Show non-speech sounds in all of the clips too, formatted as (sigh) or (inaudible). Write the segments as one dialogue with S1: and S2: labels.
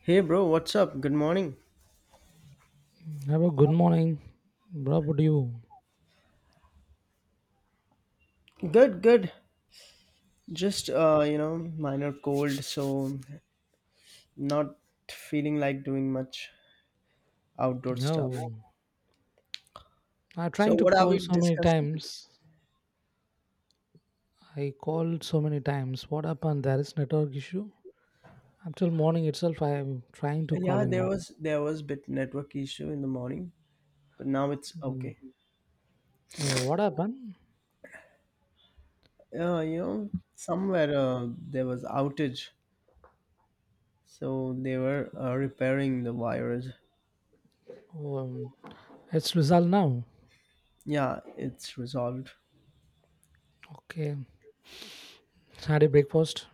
S1: Hey bro, what's up? Good morning.
S2: Have a good morning. Bro, what do you?
S1: Good, good. Just minor cold, so not feeling like doing much outdoor stuff.
S2: No, I'm
S1: So
S2: trying to
S1: what are
S2: call
S1: we
S2: so many
S1: discussing
S2: times. I called so many times. What happened? There is network issue. Until morning itself, I am trying to
S1: today? Yeah,
S2: calling
S1: there
S2: you.
S1: was there was bit network issue in the morning, but now it's
S2: Mm.
S1: okay.
S2: Oh, what happened?
S1: Somewhere there was outage, so they were repairing the wires.
S2: Oh, it's resolved now.
S1: Yeah, it's resolved.
S2: Okay. Had a breakfast.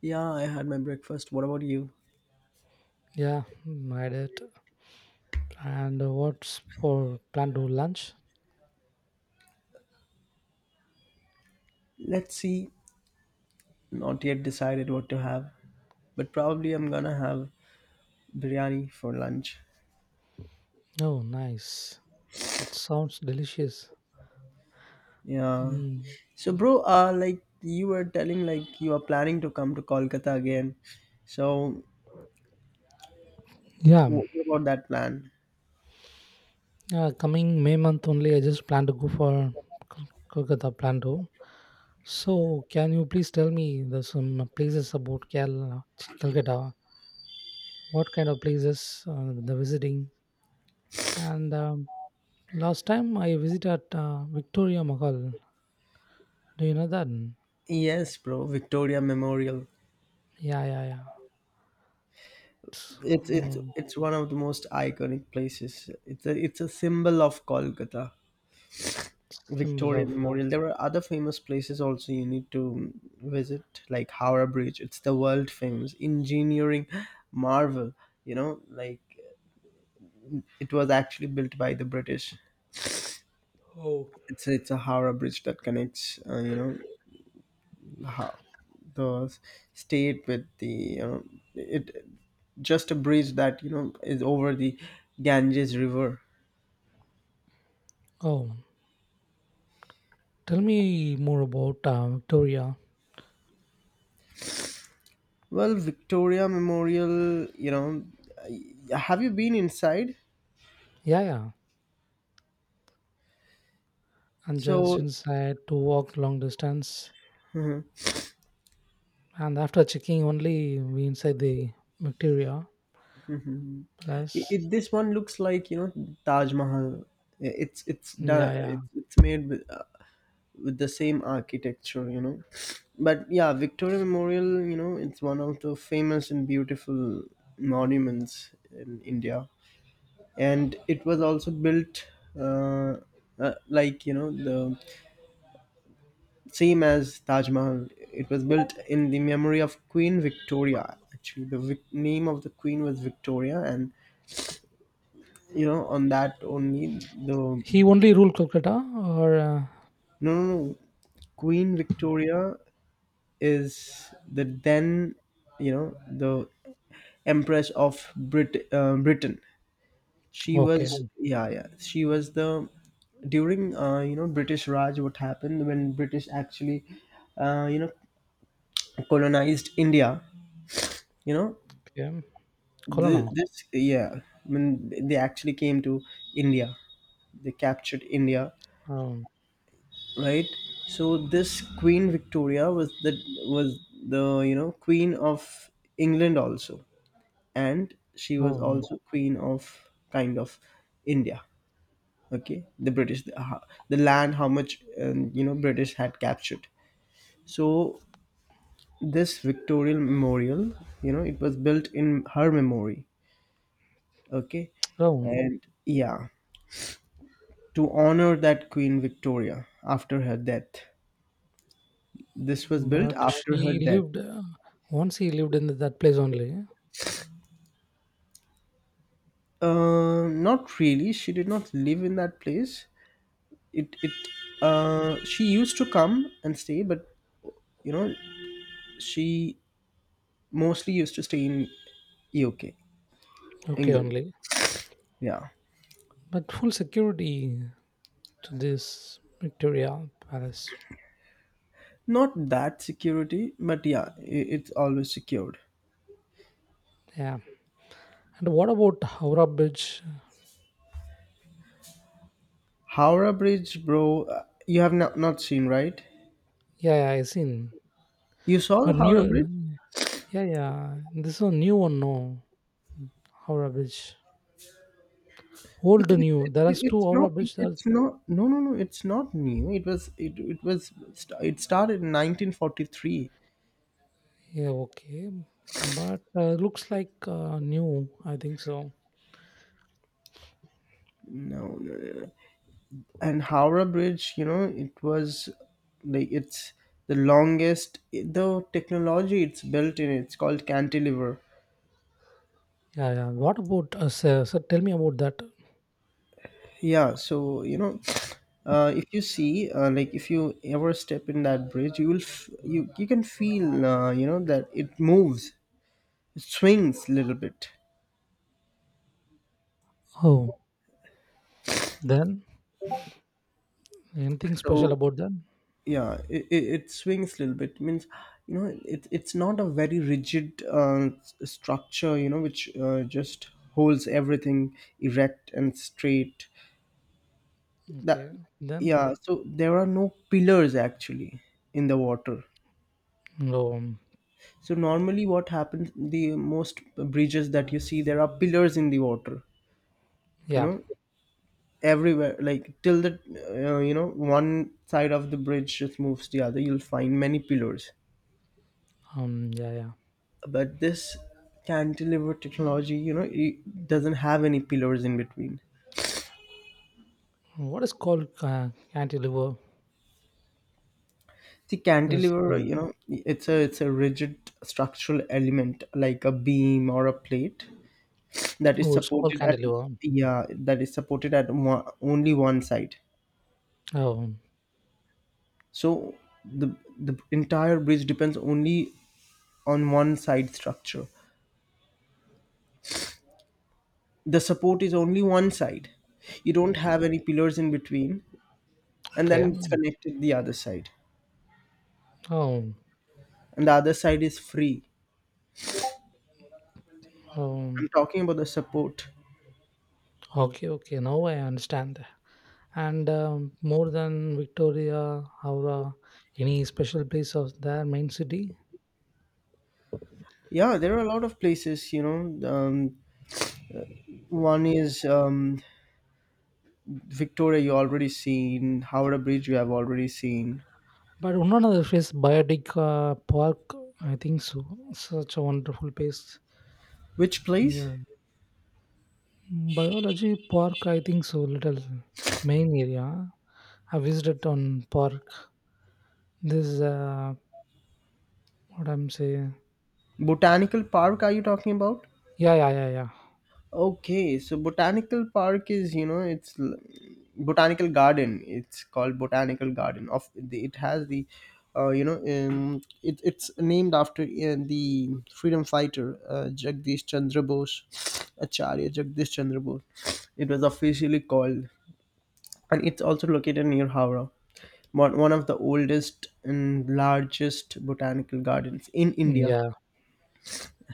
S1: Yeah, I had my breakfast. What about you?
S2: Yeah, I did. And what's for plan to lunch?
S1: Let's see. Not yet decided what to have, but probably I'm gonna have biryani for lunch.
S2: Oh, nice. It sounds delicious.
S1: Yeah.
S2: Mm.
S1: So, bro, like you were telling, like you are planning to come to Kolkata again. So,
S2: Yeah.
S1: what about that plan?
S2: Coming May month only, I just plan to go for Kol- Kolkata plan to. So, can you please tell me the some places about Kerala, Kolkata? What kind of places the visiting? And last time I visited Victoria Mahal. Do you know that?
S1: Yes, bro, Victoria Memorial.
S2: Yeah, yeah, yeah.
S1: It's it's
S2: So,
S1: it's one of the most iconic places. It's a symbol of Kolkata.
S2: symbol
S1: Victoria
S2: of.
S1: Memorial. There are other famous places also you need to visit, like Howrah Bridge. It's the world famous engineering marvel. You know, like it was actually built by the British.
S2: Oh,
S1: It's a Howrah bridge that connects, how, the state with the, you know, it just a bridge that, you know, is over the Ganges River.
S2: oh, tell me more about Victoria.
S1: Well, Victoria Memorial, have you been inside?
S2: Yeah, yeah. I'm just
S1: So
S2: inside to walk long distance. And after checking only we inside the bacteria plus.
S1: this one looks like, you know, Taj Mahal. It's done.
S2: Yeah, yeah.
S1: It's made with the same architecture, you know, but yeah, Victoria Memorial, you know, it's one of the famous and beautiful monuments in India. And it was also built, uh, like, you know, the same as Taj Mahal. It was built in the memory of Queen Victoria. Actually, the name of the queen was Victoria, and, you know, on that only the. No,
S2: He only ruled Kolkata or
S1: no, no. Queen Victoria is the then, you know, the empress of Britain. She was,
S2: okay,
S1: yeah, yeah, she was the during, British Raj. What happened when British actually, uh, you know colonized India, you know.
S2: okay.
S1: The,
S2: Kolana.
S1: this, yeah, when they actually came to India, they captured India,
S2: Oh,
S1: right? So this Queen Victoria was the, was the, you know, queen of England also, and she was
S2: oh,
S1: also queen of kind of India. Okay, the British, the, the land, how much you know, British had captured. So this Victorian memorial, you know, it was built in her memory. Okay,
S2: oh.
S1: and yeah, to honor that Queen Victoria after her death. This was built
S2: But
S1: after her
S2: she
S1: death.
S2: lived once he lived in that place only.
S1: Not really. She did not live in that place. It she used to come and stay, but, you know, she mostly used to stay in UK,
S2: Okay
S1: England.
S2: only.
S1: Yeah.
S2: But full security to this bacteria palace.
S1: Not that security, but yeah, it's always secured.
S2: Yeah. And what about Howrah Bridge?
S1: Howrah Bridge, bro, you have not, not seen, right?
S2: Yeah, yeah I seen.
S1: You saw the
S2: But
S1: Howrah Bridge?
S2: new. Yeah, yeah. This is a new one no Howrah Bridge. Old
S1: It, it,
S2: new.
S1: it,
S2: There are
S1: it-
S2: is two
S1: it's
S2: Howrah
S1: not
S2: bridge. That
S1: it's not, no, no, no, it's not new. It was it was it started in 1943.
S2: yeah, okay, but looks like new. I think so.
S1: No, no. And Howrah Bridge, you know, it was like it's the longest. The technology it's built in, it's called cantilever.
S2: Yeah, yeah. What about sir, sir? Tell me about that.
S1: Yeah, so you know, if you see, like if you ever step in that bridge, you will you can feel, that it moves, it swings a little bit.
S2: Oh, then anything special
S1: So
S2: about that?
S1: yeah, it swings a little bit means, you know, it's not a very rigid structure, you know, which just holds everything erect and straight. That,
S2: Okay, then
S1: yeah, so there are no pillars actually in the water.
S2: no. Um,
S1: So normally what happens, the most bridges that you see, there are pillars in the water, you
S2: yeah,
S1: know, everywhere like till the you know, one side of the bridge just moves the other, you'll find many pillars.
S2: yeah, yeah.
S1: But this cantilever technology, you know, it doesn't have any pillars in between.
S2: What is called cantilever?
S1: The
S2: There's,
S1: cantilever, you know, it's a rigid structural element like a beam or a plate that is
S2: oh, it's called
S1: supported at,
S2: cantilever.
S1: yeah, that is supported at one, only one side.
S2: Oh,
S1: So the entire bridge depends only on one side structure. The support is only one side. You don't have any pillars in between, and then
S2: okay.
S1: it's connected the other side.
S2: Oh,
S1: And the other side is free. I'm
S2: um,
S1: talking about the support.
S2: okay, okay. Now I understand. And more than Victoria Howrah, any special place of their main city.
S1: Yeah, there are a lot of places, you know. One is Victoria, you already seen. Howrah Bridge, you have already seen.
S2: But one another place, Biotic Park, I think so. Such a wonderful place.
S1: Which place?
S2: Yeah. Biology Park, I think so. Little main area. I visited on park. This is what I'm saying.
S1: Botanical Park, are you talking about?
S2: Yeah, yeah, yeah, yeah.
S1: Okay, so botanical park is, you know, it's botanical garden. It's called botanical garden. Of the, it has the, it's named after the freedom fighter, Jagdish Chandra Bose, Acharya Jagdish Chandra Bose. It was officially called, and it's also located near Howrah, one of the oldest and largest botanical gardens in India.
S2: Yeah,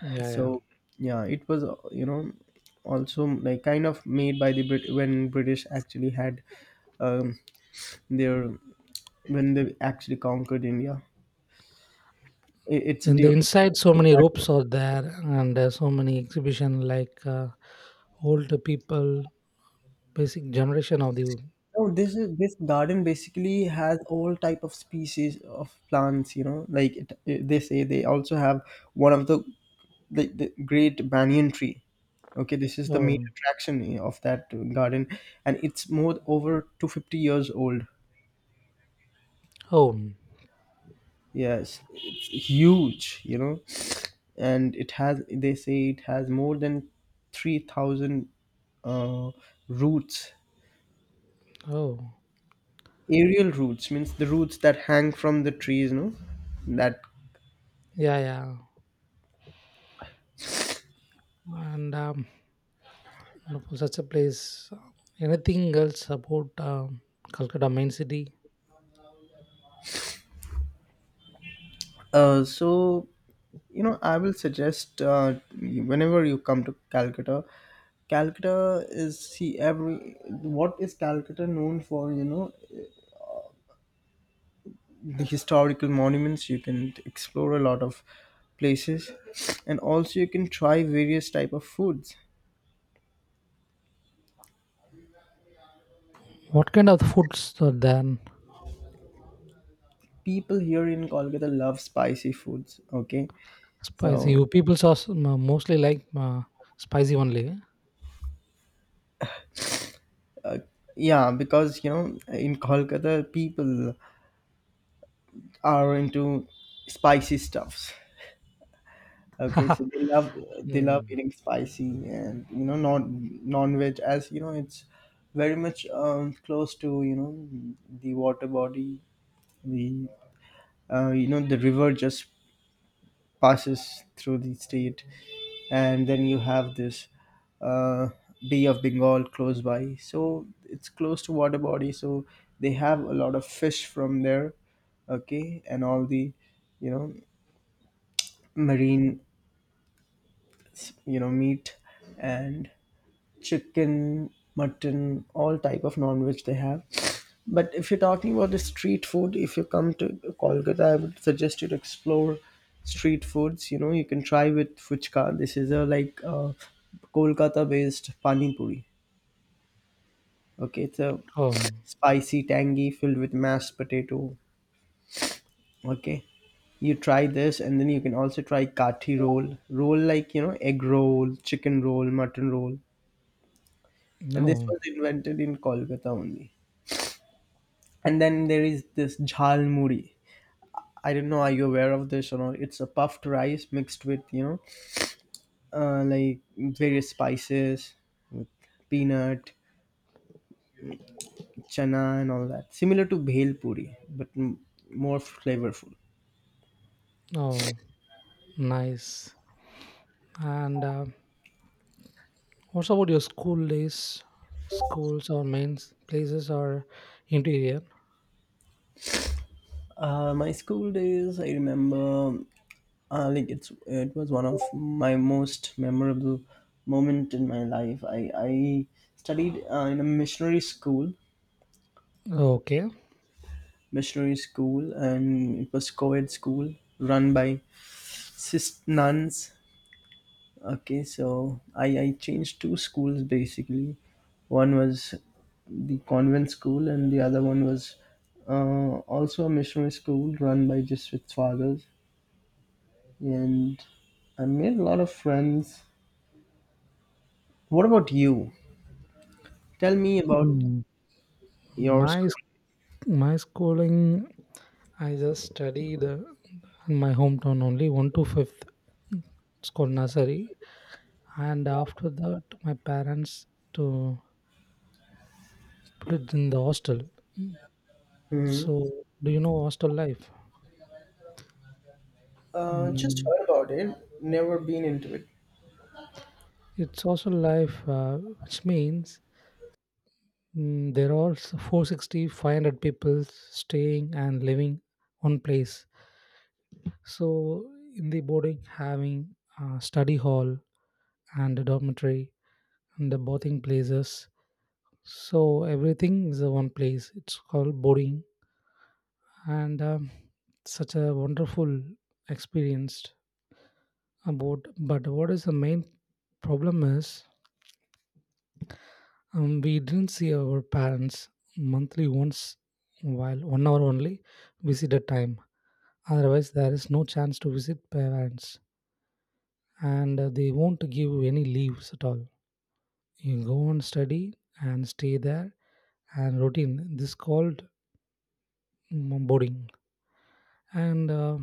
S2: yeah, yeah.
S1: So yeah, it was, also like kind of made by the when British actually had um their, when they actually conquered India. It's
S2: In the
S1: dear.
S2: inside, so many ropes are there, and so many exhibition like old people. Basic generation of the.
S1: No, this is, this garden basically has all type of species of plants, you know, like they say they also have one of the great banyan tree. Okay, this is the main
S2: Oh,
S1: attraction, eh, of that garden. And it's more over 250 years old.
S2: oh,
S1: Yes, it's huge, you know, and it has. They say it has more than 3,000 uh, roots,
S2: oh.
S1: aerial roots means the roots that hang from the trees. No, that,
S2: Yeah, yeah. And for such a place anything else about Calcutta main city.
S1: so you know I will suggest, whenever you come to Calcutta, Calcutta is, see, every, what is Calcutta known for? You know, the historical monuments, you can explore a lot of places, and also you can try various type of foods.
S2: What kind of foods are there?
S1: People here in Kolkata love spicy foods. Okay, so
S2: Spicy you people saw. Mostly like spicy only.
S1: yeah, because you know in Kolkata people are into spicy stuffs.
S2: Eh?
S1: Okay,
S2: (laughs)
S1: so they love
S2: Mm.
S1: eating spicy. And you know not non-veg, as you know, it's very much close to, you know, the water body, the you know, the river just passes through the state, and then you have this uh, Bay of Bengal close by. So it's close to water body. So they have a lot of fish from there. Okay, and all the, you know, marine, you know, meat and chicken, mutton, all type of non-veg they have. But if you're talking about the street food, if you come to Kolkata, I would suggest you to explore street foods. You know, you can try with fuchka. This is a like Kolkata-based pani puri. Okay, it's a
S2: Oh,
S1: spicy, tangy, filled with mashed potato. Okay, you try this, and then you can also try kathi roll, roll like you know egg roll, chicken roll, mutton roll, and this
S2: no,
S1: was invented in Kolkata only. And then there is this jhal muri. I don't know, are you aware of this or not? It's a puffed rice mixed with, you know, like various spices, with peanut, chana, and all that. Similar to bhel puri, but more flavorful.
S2: no. Nice. And what's about your school days, schools or main places or interior?
S1: My school days, I remember, like it was one of my most memorable moment in my life. I studied in a missionary school,
S2: Okay.
S1: missionary school, and it was co-ed school run by cis nuns. Okay, so I changed two schools basically. One was the convent school, and the other one was uh, also a missionary school run by Jesuit fathers. And I made a lot of friends. What about you? Tell me about
S2: Mm.
S1: your
S2: My
S1: school.
S2: sc- my schooling, I just studied in my hometown only one to fifth. It's called nursery, and after that, my parents to put it in the hostel. Mm. So, do you know hostel life?
S1: Just
S2: Mm,
S1: heard about it, never been into it.
S2: it's hostel life, which means there are 460 500 people staying and living one place. So, in the boarding, having study hall and a dormitory and the bathing places. So everything is a one place. It's called boarding, and such a wonderful experience about. But what is the main problem is we didn't see our parents monthly once while 1 hour only visited time. Otherwise, there is no chance to visit parents, and they won't give any leaves at all. You go and study and stay there and routine. This called boring, and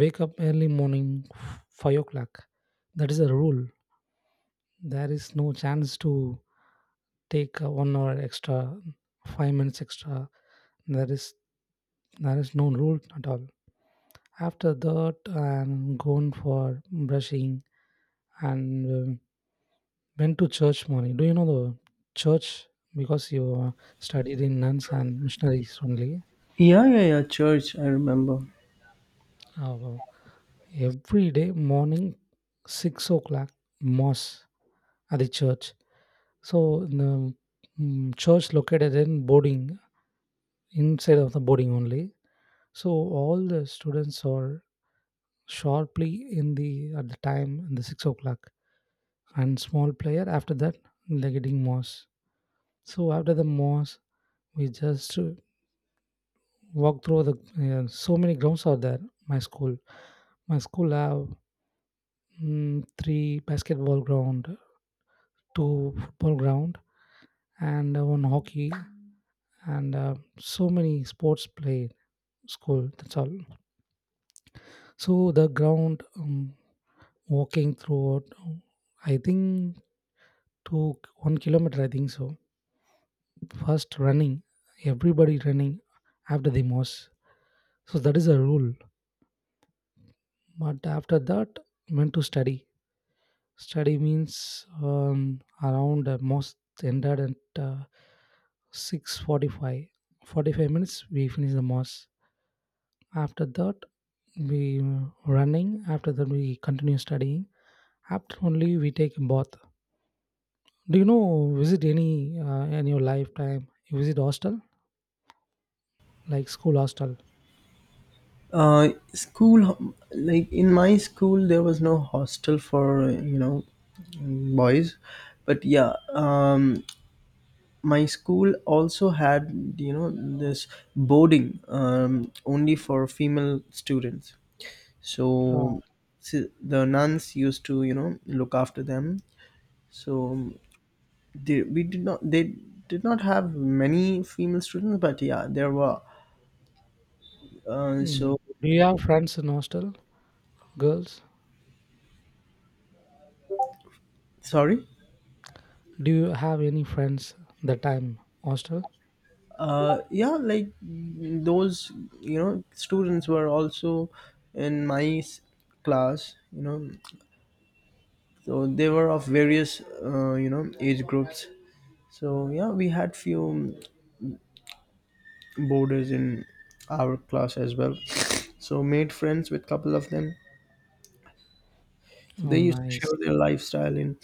S2: wake up early morning 5 o'clock, that is a rule. There is no chance to take 1 hour extra, 5 minutes extra. There is there is no rule at all. After that I'm going for brushing, and went to church morning. Do you know the church? Because you studied in nuns and missionaries only,
S1: Yeah, yeah, yeah, church, I remember.
S2: uh, every day morning 6 o'clock mass at the church. So the church located in boarding, inside of the boarding only. So all the students are sharply in the at the time in the 6 o'clock, and small player after that, they're getting mass. So after the mass we just walk through the so many grounds are there. My school my school have three basketball ground, two football ground, and on hockey, and so many sports played school, that's all. So the ground walking throughout, I think took 1 kilometer I think so. First running, everybody running after the most, so that is a rule. But after that went to study. Study means around most ended at 6:45 45 forty-five minutes we finish the mass. After that we running, after that we continue studying. After only we take a bath. Do you know visit any in your lifetime? You visit hostel like school hostel.
S1: School, like in my school, there was no hostel for, you know, boys, but yeah, my school also had, you know, this boarding, only for female students.
S2: Uh,
S1: So, the nuns used to, you know, look after them. So, they did not have many female students, but yeah, there were. Uh,
S2: mm.
S1: so
S2: Do you have friends in hostel? Girls?
S1: sorry.
S2: Do you have any friends that time hostel?
S1: Yeah, like those, you know, students were also in my class, you know. So they were of various uh, you know age groups. So yeah, we had few boarders in our class as well, so made friends with couple of them. So
S2: Oh,
S1: they used to
S2: nice.
S1: share their lifestyle in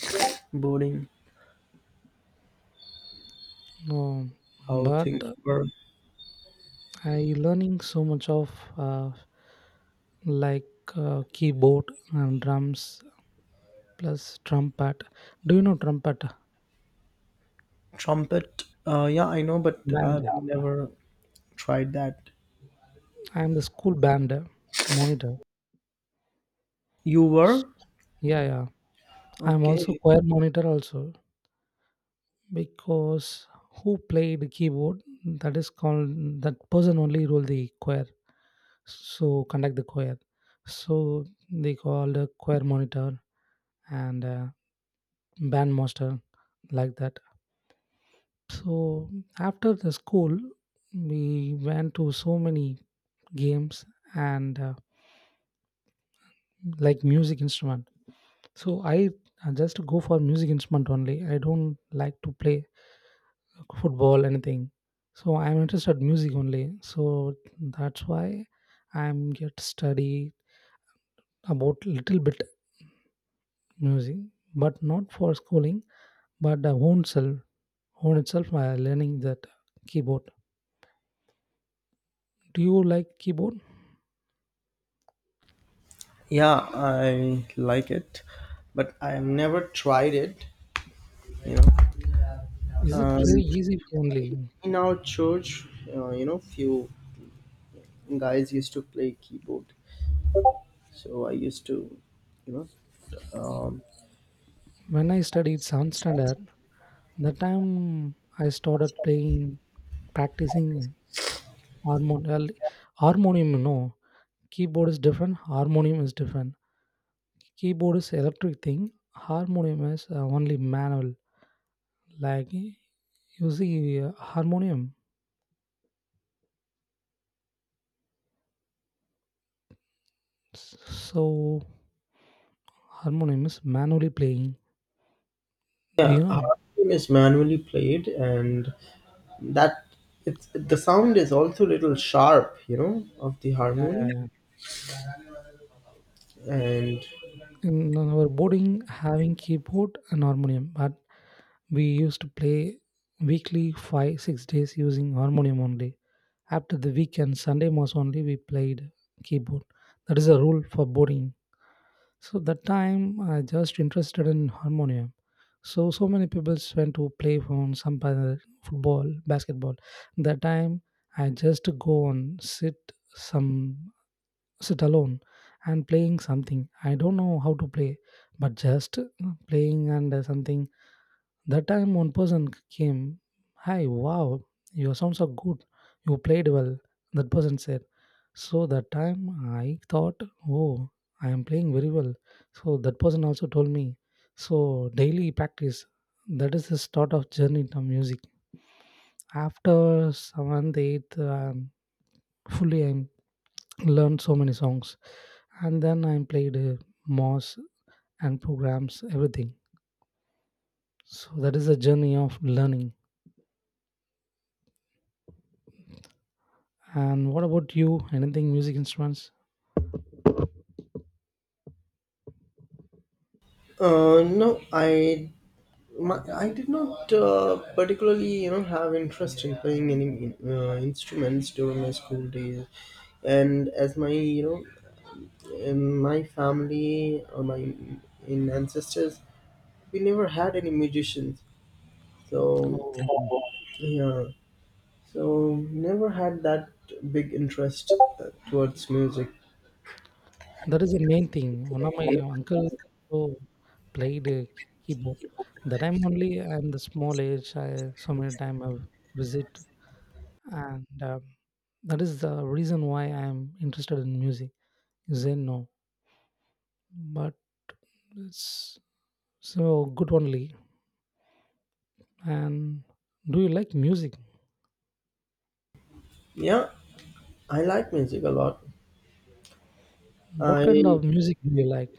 S1: boarding,
S2: No,
S1: how
S2: but
S1: things were.
S2: I learning so much of uh, like keyboard and drums plus trumpet. Do you know trumpet
S1: Trumpet, yeah, I know, but
S2: band?
S1: I've never tried that.
S2: I'm the school band monitor.
S1: You
S2: S-
S1: were.
S2: Yeah, yeah. I'm also
S1: Okay.
S2: choir monitor also, because who played keyboard that is called that person only rule the choir. So conduct the choir. So they called a choir monitor and band master like that. So after the school, we went to so many games and like music instrument. So I just go for music instrument only. I don't like to play football anything. So I'm interested music only. So that's why I'm get study about little bit music, but not for schooling, but the own self, own itself. I learning that keyboard. Do you like keyboard?
S1: Yeah, I like it, but I have never tried it. You know,
S2: Is it
S1: um,
S2: very easy for only?
S1: in our church, you know, few guys used to play keyboard, so I used to, you know,
S2: When I studied sound standard, that time I started playing, practicing well, harmonium. No, keyboard is different, harmonium is different. Keyboard is electric thing, harmonium is only manual. Like you see harmonium, so harmonium is manually playing. Do
S1: yeah,
S2: you know?
S1: harmonium is manually played, and that, it's the sound is also little sharp, you know, of the
S2: Yeah, yeah,
S1: harmonium.
S2: yeah.
S1: And
S2: In our boarding, having keyboard and harmonium, but we used to play weekly 5-6 days using harmonium only. After the weekend, Sunday was only we played keyboard. That is a rule for boarding. So that time I just interested in harmonium. So, so many people went to play phone, some other football basketball. That time I just go and sit, some sit alone and playing something. I don't know how to play, but just playing and something. That time one person came, "Hi, wow, your sounds are good. You played well." That person said. So that time I thought, "Oh, I am playing very well." So that person also told me. So daily practice. That is the start of journey to music. After seventh, eighth, fully I'm learned so many songs, and then I played moss and programs everything. So that is a journey of learning. And what about you, anything music instruments?
S1: no, I my, I did not particularly, you know, have interest in playing any instruments during my school days, and as my, you know, in my family or my in ancestors, we never had any musicians. So
S2: Oh,
S1: yeah, so never had that big interest towards music.
S2: that is the main thing. One of my uncle, so played keyboard. That time only I'm the small age. I so many time I visit, and that is the reason why I am interested in music. You say no, but it's so good only. And do you like music?
S1: Yeah, I like music a lot.
S2: What kind
S1: I
S2: of music do you like?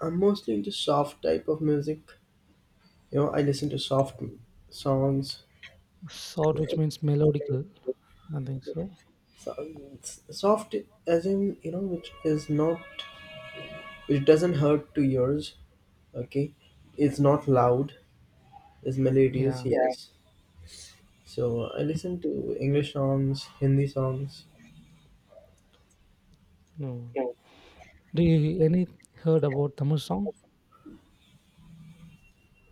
S1: I'm mostly into soft type of music. You know, I listen to soft songs.
S2: Sort which means melodical. I think so.
S1: So, it's soft as in which is not which doesn't hurt to ears, okay, it's not loud, it's melodious,
S2: Yeah.
S1: yes. So I listen to english songs, hindi songs.
S2: No. Do you any heard about Tamil song?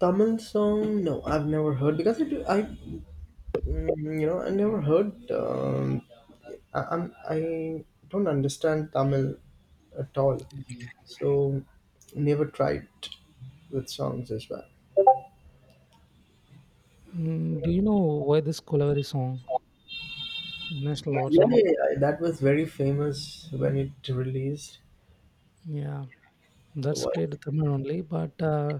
S1: Tamil song, no, I've never heard because I I never heard. um, I, i'm I don't understand tamil at all, so never tried with songs as well.
S2: Do you know why this Kolavari song, national
S1: Yeah,
S2: award
S1: yeah,
S2: song?
S1: yeah, that was very famous when it released.
S2: Yeah, that's
S1: What?
S2: great Tamil only, but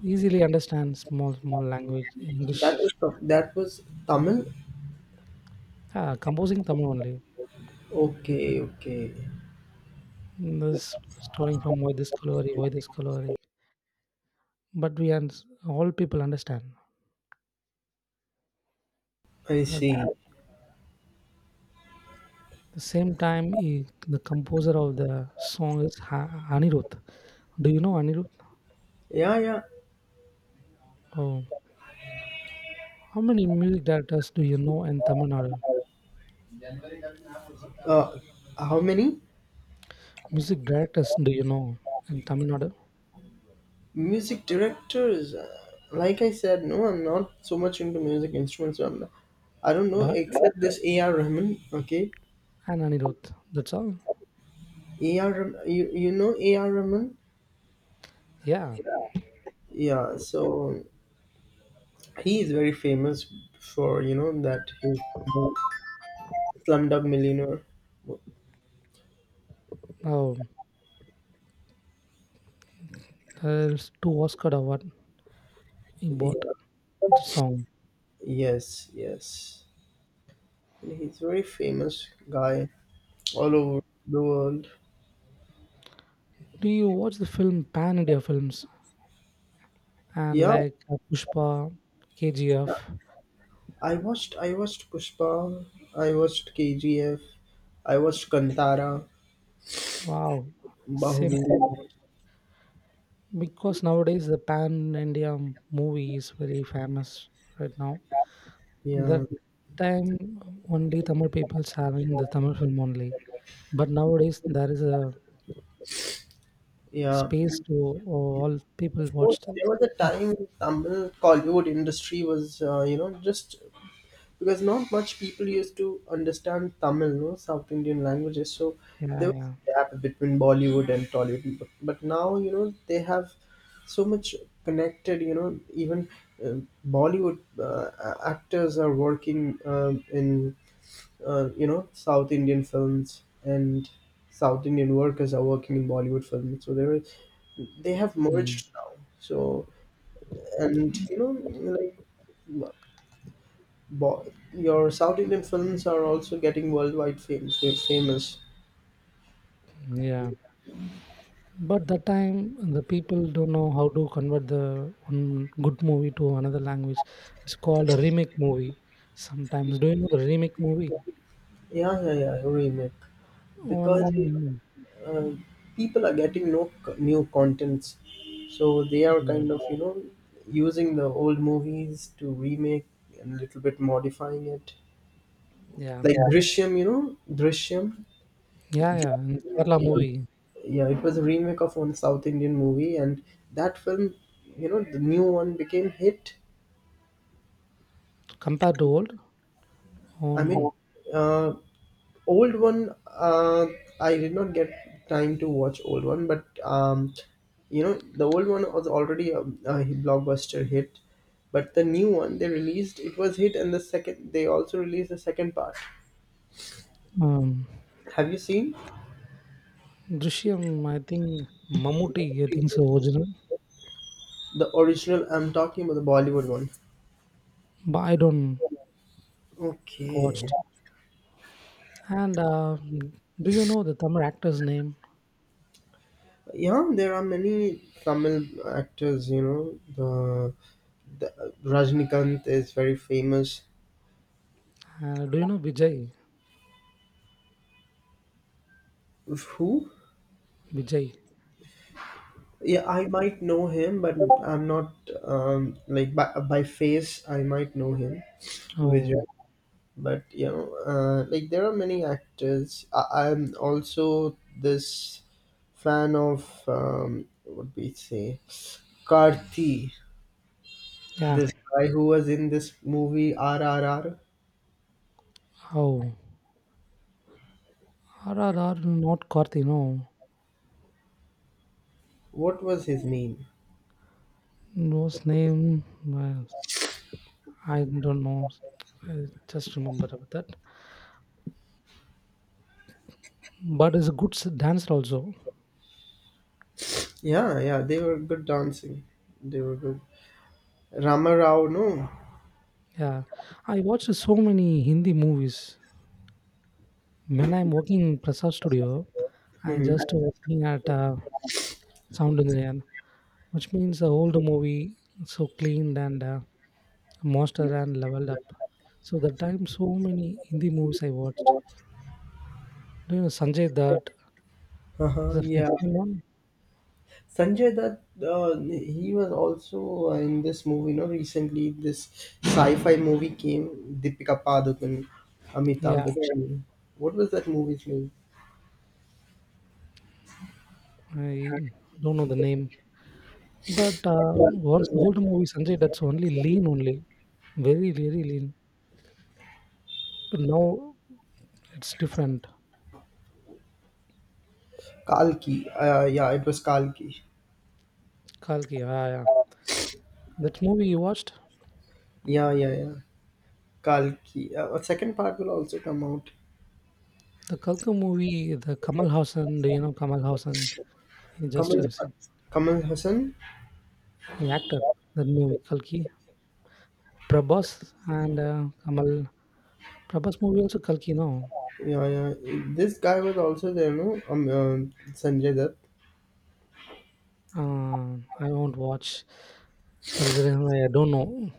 S2: easily understand small small language
S1: That
S2: English.
S1: was that was Tamil.
S2: Ah, composing Tamil only.
S1: Okay, okay.
S2: This starting from why this Kolavari, why this Kolavari. But we and all people understand.
S1: I
S2: But
S1: see.
S2: the same time, he, the composer of the song is Anirudh. Do you know Anirudh?
S1: Yeah, yeah.
S2: Oh, how many music directors do you know in Tamil Nadu?
S1: Uh, how many
S2: Music directors do you know in Tamil Nadu?
S1: music directors? Like I said, no, I'm not so much into music instruments. So I'm not, I don't know
S2: But
S1: except this A.R. Rahman. Okay,
S2: and Anirudh. That's all.
S1: A.R. Rahman. You know A.R. Rahman?
S2: Yeah.
S1: Yeah. So he is very famous for you know that his Slumdog Millionaire.
S2: Oh, there's two Oscar award he
S1: Yeah.
S2: bought the song.
S1: Yes, yes. And he's a very famous guy all over the world.
S2: Do you watch the film Pan India films and
S1: Yeah,
S2: like Pushpa, KGF?
S1: yeah. I watched Pushpa, I watched KGF, I watched Kantara,
S2: Wow, same
S1: Bahubali.
S2: thing. Because nowadays the pan India movie is very famous right now. That
S1: Yeah,
S2: time only Tamil people's having the Tamil film only, but nowadays there is a
S1: yeah.
S2: space to all people
S1: Before,
S2: watched.
S1: there was a time Tamil Kollywood industry was you know just because not much people used to understand Tamil, no South Indian languages. So
S2: Yeah,
S1: there was
S2: yeah.
S1: a gap between Bollywood and Tollywood. But now you know they have so much connected. You know even uh, Bollywood actors are working in you know South Indian films and South Indian workers are working in Bollywood films. So there is they have
S2: Mm,
S1: merged now. So and you know like Boy, your South Indian films are also getting worldwide famous.
S2: yeah, but that time the people don't know how to convert the one good movie to another language, it's called a remake movie sometimes. Do you know the remake movie
S1: Yeah, yeah, yeah, remake. Because
S2: on?
S1: uh, people are getting no new contents, so they are
S2: Yeah,
S1: kind of you know using the old movies to remake and a little bit modifying it.
S2: yeah,
S1: Like yeah. Drishyam, you know Drishyam.
S2: yeah, yeah. In Kerala
S1: Yeah,
S2: movie
S1: yeah, it was a remake of one South Indian movie, and that film, you know, the new one became hit.
S2: compared to old
S1: I
S2: on,
S1: mean, uh, old one, I did not get time to watch old one, but you know the old one was already a blockbuster hit, but the new one they released it was hit, and the second they also released the second part.
S2: um,
S1: Have you seen
S2: Drishyam, I think Mammootty, I think so original,
S1: the original? I'm talking about the Bollywood one.
S2: but I don't
S1: Okay.
S2: watched. And do you know the Tamil actor's name?
S1: Yeah, there are many Tamil actors, you know. The Rajnikant is very famous.
S2: Do you know Vijay?
S1: Who?
S2: Vijay.
S1: Yeah, I might know him, but I'm not like by face. I might know him, Vijay.
S2: Oh,
S1: But you know, like there are many actors. I'm also this fan of what we say, Karthi.
S2: yeah.
S1: This guy who was in this movie RRR.
S2: Oh, RRR, not Karthi, no.
S1: What was his name?
S2: Those name, uh, I don't know. I just remember about that. But is a good dancer also.
S1: Yeah, yeah, they were good dancing. They were good. Rama Rao, no.
S2: Yeah, I watched so many Hindi movies when I'm working in Prasad Studio. I
S1: Mm-hmm.
S2: just working at sound engineer, which means the old movie so cleaned and mastered and leveled up. So the time so many Hindi movies I watched. Do you know Sanjay Dutt?
S1: Uh-huh,
S2: The famous
S1: yeah.
S2: one?
S1: Sanjay Dutt, he was also in this movie. You know, recently this sci-fi movie came, Deepika Padukone, Amitabh
S2: Yeah,
S1: Bachchan. What was that movie's name?
S2: I don't know the name. But once the old movie Sanjay Dutt's only lean only, very very lean. But now it's different.
S1: Kalki. Yeah, it was Kalki.
S2: Kalki, ah, yeah. That movie you watched?
S1: Yeah, yeah, yeah. Kalki. A second part will also come out.
S2: The Kalka movie, the Kamal Haasan, do you know Kamal Haasan? He just
S1: Kamal, Kamal Hassan.
S2: he acted that movie Kalki, Prabhas, and Kamal. Prabhas movie also Kalki. No,
S1: Yeah, yeah. This guy was also there, no? Sanjay Dutt.
S2: uh, I won't watch. That is the reason why I don't know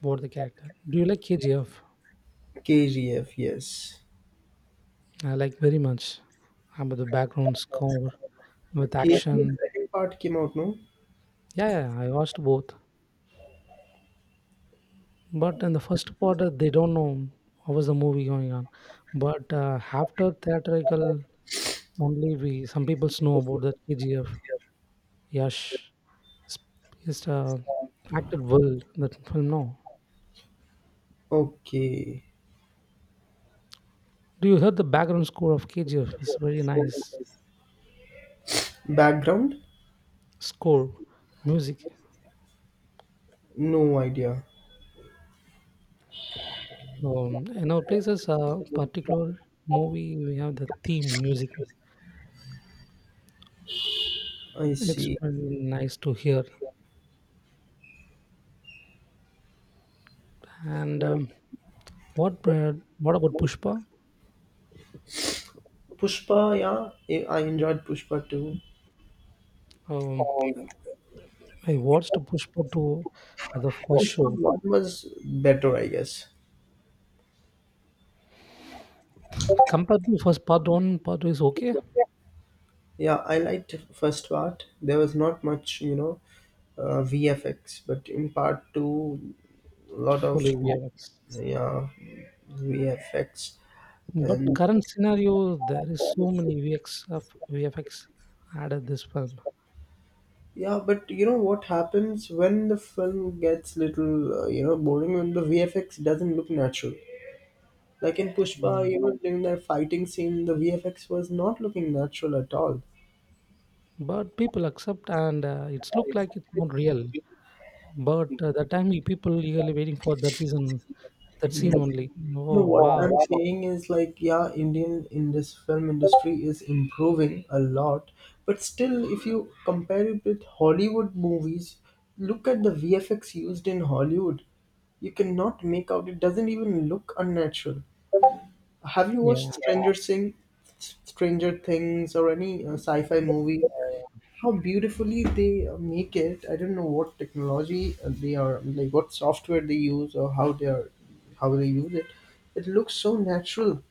S2: about the character. Do you like KGF?
S1: KGF. Yes.
S2: I like very much. About the background score with
S1: KGF
S2: action.
S1: second part came out, no?
S2: Yeah, yeah, I watched both. But in the first part, they don't know how was the movie going on. But after theatrical, only we some people know about that KGF. Yash. He's acted well in that film now.
S1: Okay.
S2: Do you hear the background score of KGF? It's very nice
S1: Background?
S2: score, music.
S1: No idea.
S2: In our places, a particular movie, we have the theme music.
S1: I
S2: It's
S1: see.
S2: very nice to hear. And what uh, what about Pushpa?
S1: Pushpa, yeah, I enjoyed Pushpa too.
S2: Um, I watched Pushpa 2 at the first
S1: Pushpa
S2: show.
S1: one was better, I guess.
S2: Compared to first part one, part two is okay.
S1: Yeah, I liked first part. There was not much, you know, VFX, but in part two, a lot of
S2: Fully VFX.
S1: yeah VFX
S2: But
S1: and
S2: current scenario, there is so many VX of VFX added this film,
S1: yeah. But you know what happens when the film gets little, you know, boring when the VFX doesn't look natural. Like in Pushpa,
S2: um,
S1: even during the fighting scene, the VFX was not looking natural at all.
S2: but people accept and it's look like it's not real. But the time people eagerly waiting for that season, that scene only. Oh
S1: No, what
S2: wow,
S1: I'm saying is like, yeah, Indian in this film industry is improving a lot, but still, if you compare it with Hollywood movies, look at the VFX used in Hollywood. You cannot make out; it doesn't even look unnatural. Have you
S2: yeah.
S1: watched Stranger Things, Stranger Things, or any sci-fi movie? How beautifully they make it. I don't know what technology they are like, what software they use, or how they are, how they use it. It looks so natural.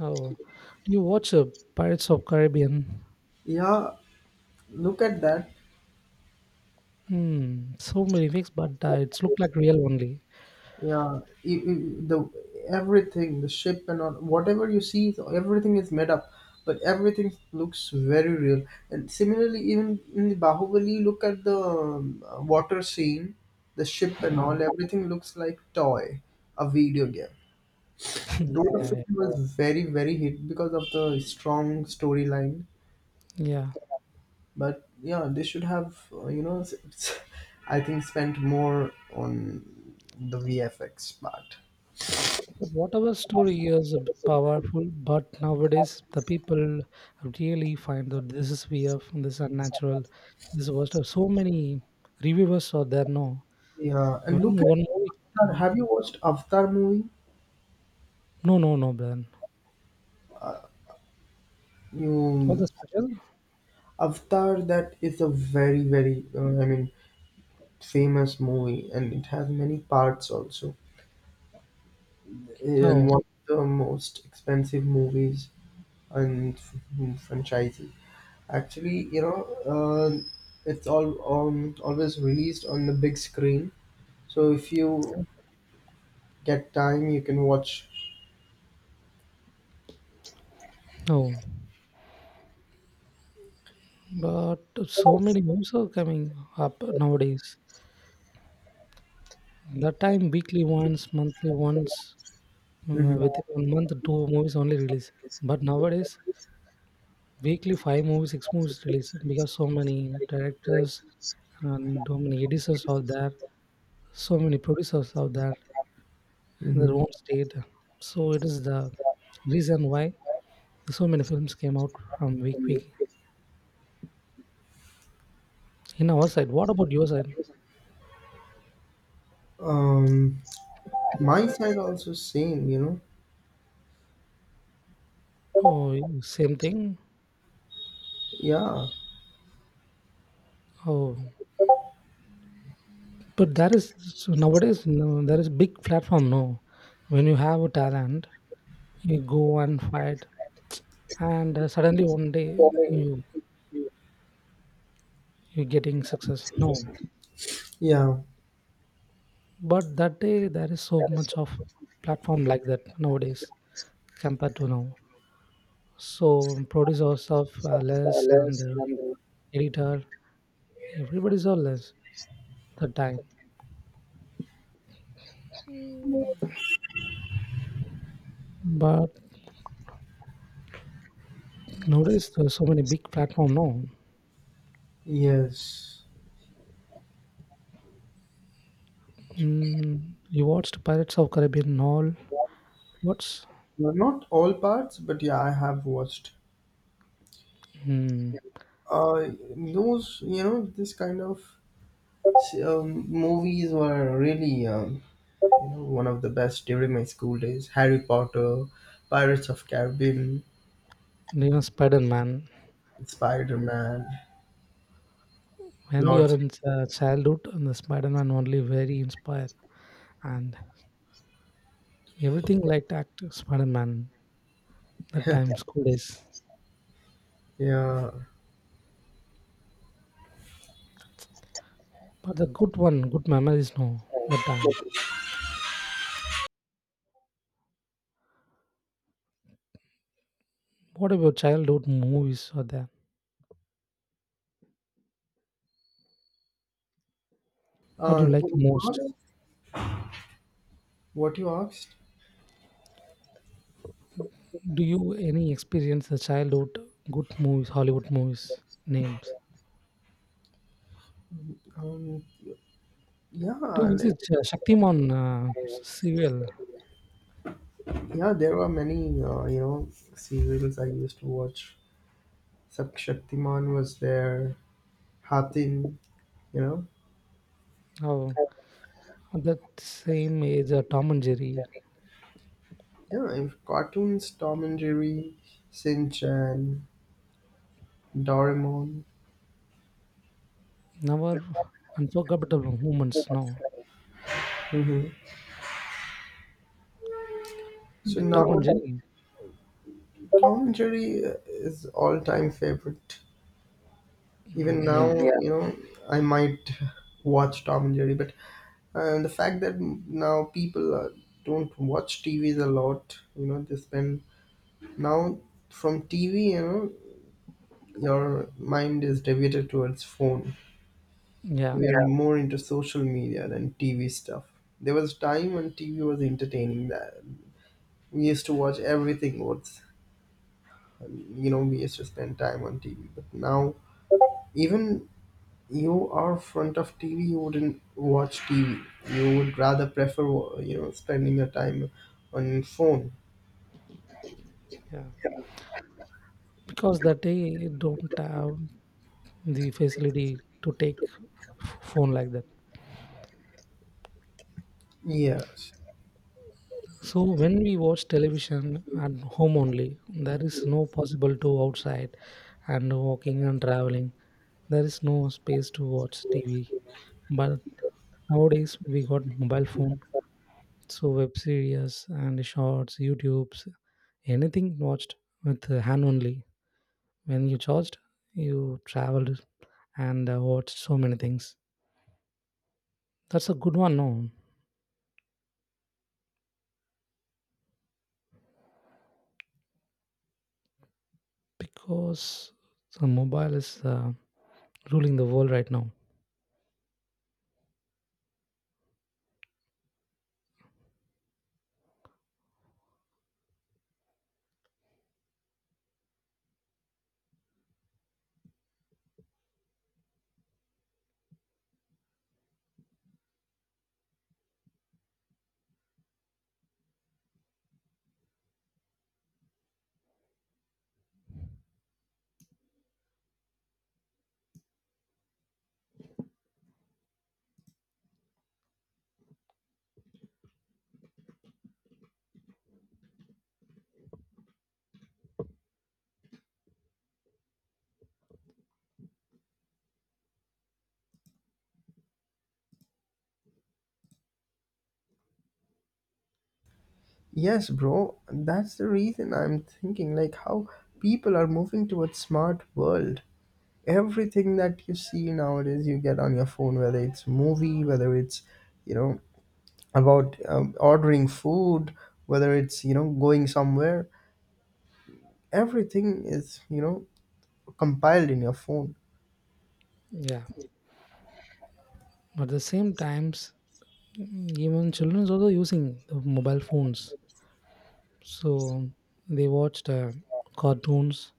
S2: Oh, do you watch Pirates of Caribbean?
S1: Yeah, look at that.
S2: Hmm, so many VFX, but it's look like real only.
S1: Yeah, the everything, the ship and all, whatever you see, so everything is made up, but everything looks very real. And similarly, even in the Bahubali, look at the water scene, the ship and
S2: Wow.
S1: all. Everything looks like toy, a video game.
S2: (laughs) Yeah,
S1: Though the
S2: yeah,
S1: film
S2: yeah,
S1: was very, very hit because of the strong storyline,
S2: yeah.
S1: but yeah, they should have, you know, s- (laughs) s- I think spent more on the VFX part.
S2: But whatever story is powerful, but nowadays the people really find that this is weird, this is unnatural, this was so many reviewers are there. No,
S1: Yeah,
S2: when
S1: and look at
S2: one movie,
S1: Avatar.
S2: came-
S1: Have you watched Avatar movie?
S2: no, no, no, Ben, all the
S1: You
S2: special,
S1: Avatar that is a very, very, I mean, famous movie, and it has many parts also, and
S2: oh,
S1: one of the most expensive movies and franchises. Actually, you know, it's all always released on the big screen. So if you get time, you can watch.
S2: no, but so many movies are coming up nowadays. That time, weekly once, monthly once,
S1: Hmm.
S2: within one month, two movies only release. But nowadays, weekly five movies, six movies released because so many directors and so many editors are there, so many producers are there in their
S1: Hmm.
S2: own state. So it is the reason why so many films came out from week week. In our side, what about your side?
S1: Um, my side also same. You know,
S2: Oh, same thing.
S1: yeah,
S2: Oh, but there is so nowadays no, there is big platform. No, when you have a talent, you go and fight, and suddenly one day you you're getting success. No,
S1: yeah,
S2: but that day there is so much of platform like that nowadays compared to now. So producers of less and editor, everybody's all less that time. But nowadays there's so many big platform now.
S1: yes.
S2: Mm, you watched Pirates of Caribbean all. What's
S1: Well, not all parts, but yeah, I have watched.
S2: mm,
S1: Uh, those you know, this kind of movies were really you know one of the best during my school days. Harry Potter, Pirates of Caribbean,
S2: even Spider Man?
S1: Spider Man,
S2: When we are
S1: Lord,
S2: in childhood, and the Spider Man only very inspired and everything like act Spider Man that time school days.
S1: yeah.
S2: But the good one, good memories, no, the time. What about childhood movies are there? What do you like
S1: What
S2: most?
S1: you asked? What you asked?
S2: Do you any experience the childhood good movies, Hollywood movies names?
S1: Um, yeah,
S2: Do you
S1: like,
S2: visit Shaktiman serial?
S1: yeah. There were many, you know, serials I used to watch. Sub Shaktiman was there. Hatim, you know,
S2: Oh, that same age, Tom and Jerry.
S1: yeah. And cartoons, Tom and Jerry, Shin Chan, Doraemon.
S2: Never unforgettable moments, no.
S1: Hmm. So
S2: Like
S1: now
S2: Tom and Jerry.
S1: Tom and Jerry is all-time favorite. Even
S2: Mm,
S1: now,
S2: yeah,
S1: yeah, you know, I might watch Tom and Jerry, but and the fact that now people don't watch TVs a lot, you know, they spend now from TV, you know, your mind is deviated towards phone.
S2: yeah,
S1: We are yeah, more into social media than TV stuff. There was a time when TV was entertaining that we used to watch everything. What's you know, we used to spend time on TV. But now even you are front of TV, you wouldn't watch TV. You would rather prefer, you know, spending your time on phone.
S2: yeah. Because that day you don't have the facility to take phone like that.
S1: Yes.
S2: So when we watch television at home only, there is no possible to outside and walking and traveling. There is no space to watch TV. But nowadays we got mobile phone, so web series and shorts, YouTube's, anything watched with the hand only. When you charged, you traveled and watched so many things. That's a good one, no? Because the mobile is ruling the world right now.
S1: Yes, bro. That's the reason I'm thinking like how people are moving towards smart world. Everything that you see nowadays you get on your phone, whether it's movie, whether it's, you know, about ordering food, whether it's, you know, going somewhere. Everything is, you know, compiled in your phone.
S2: Yeah. But at the same times, mm, even childrens also using the mobile phones, so they watched cartoons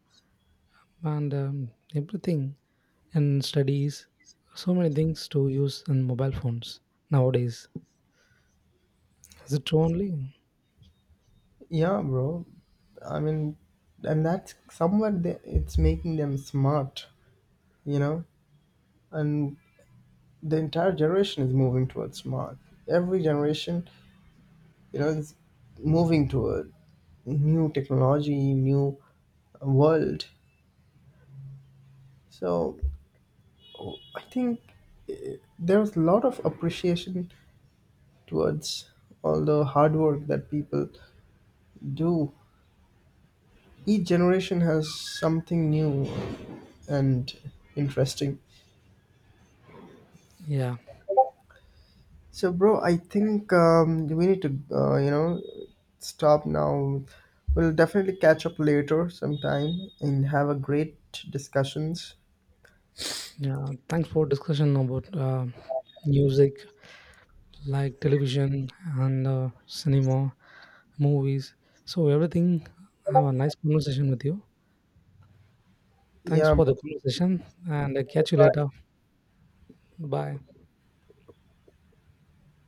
S2: and everything and studies. So many things to use in mobile phones nowadays. Is it true only?
S1: Yeah, bro. I mean, and that's somewhat they, it's making them smart, you know, and the entire generation is moving towards smart. Every generation, you know, is moving toward new technology, new world. So I think there was a lot of appreciation towards all the hard work that people do. Each generation has something new and interesting.
S2: Yeah.
S1: So, bro, I think we need to, you know, stop now. We'll definitely catch up later sometime and have a great discussions.
S2: Yeah. Thanks for discussion about music, like television and cinema, movies. So everything. Have a nice conversation with you. Thanks
S1: Yeah,
S2: for the conversation, and catch you later.
S1: bye.
S2: Bye.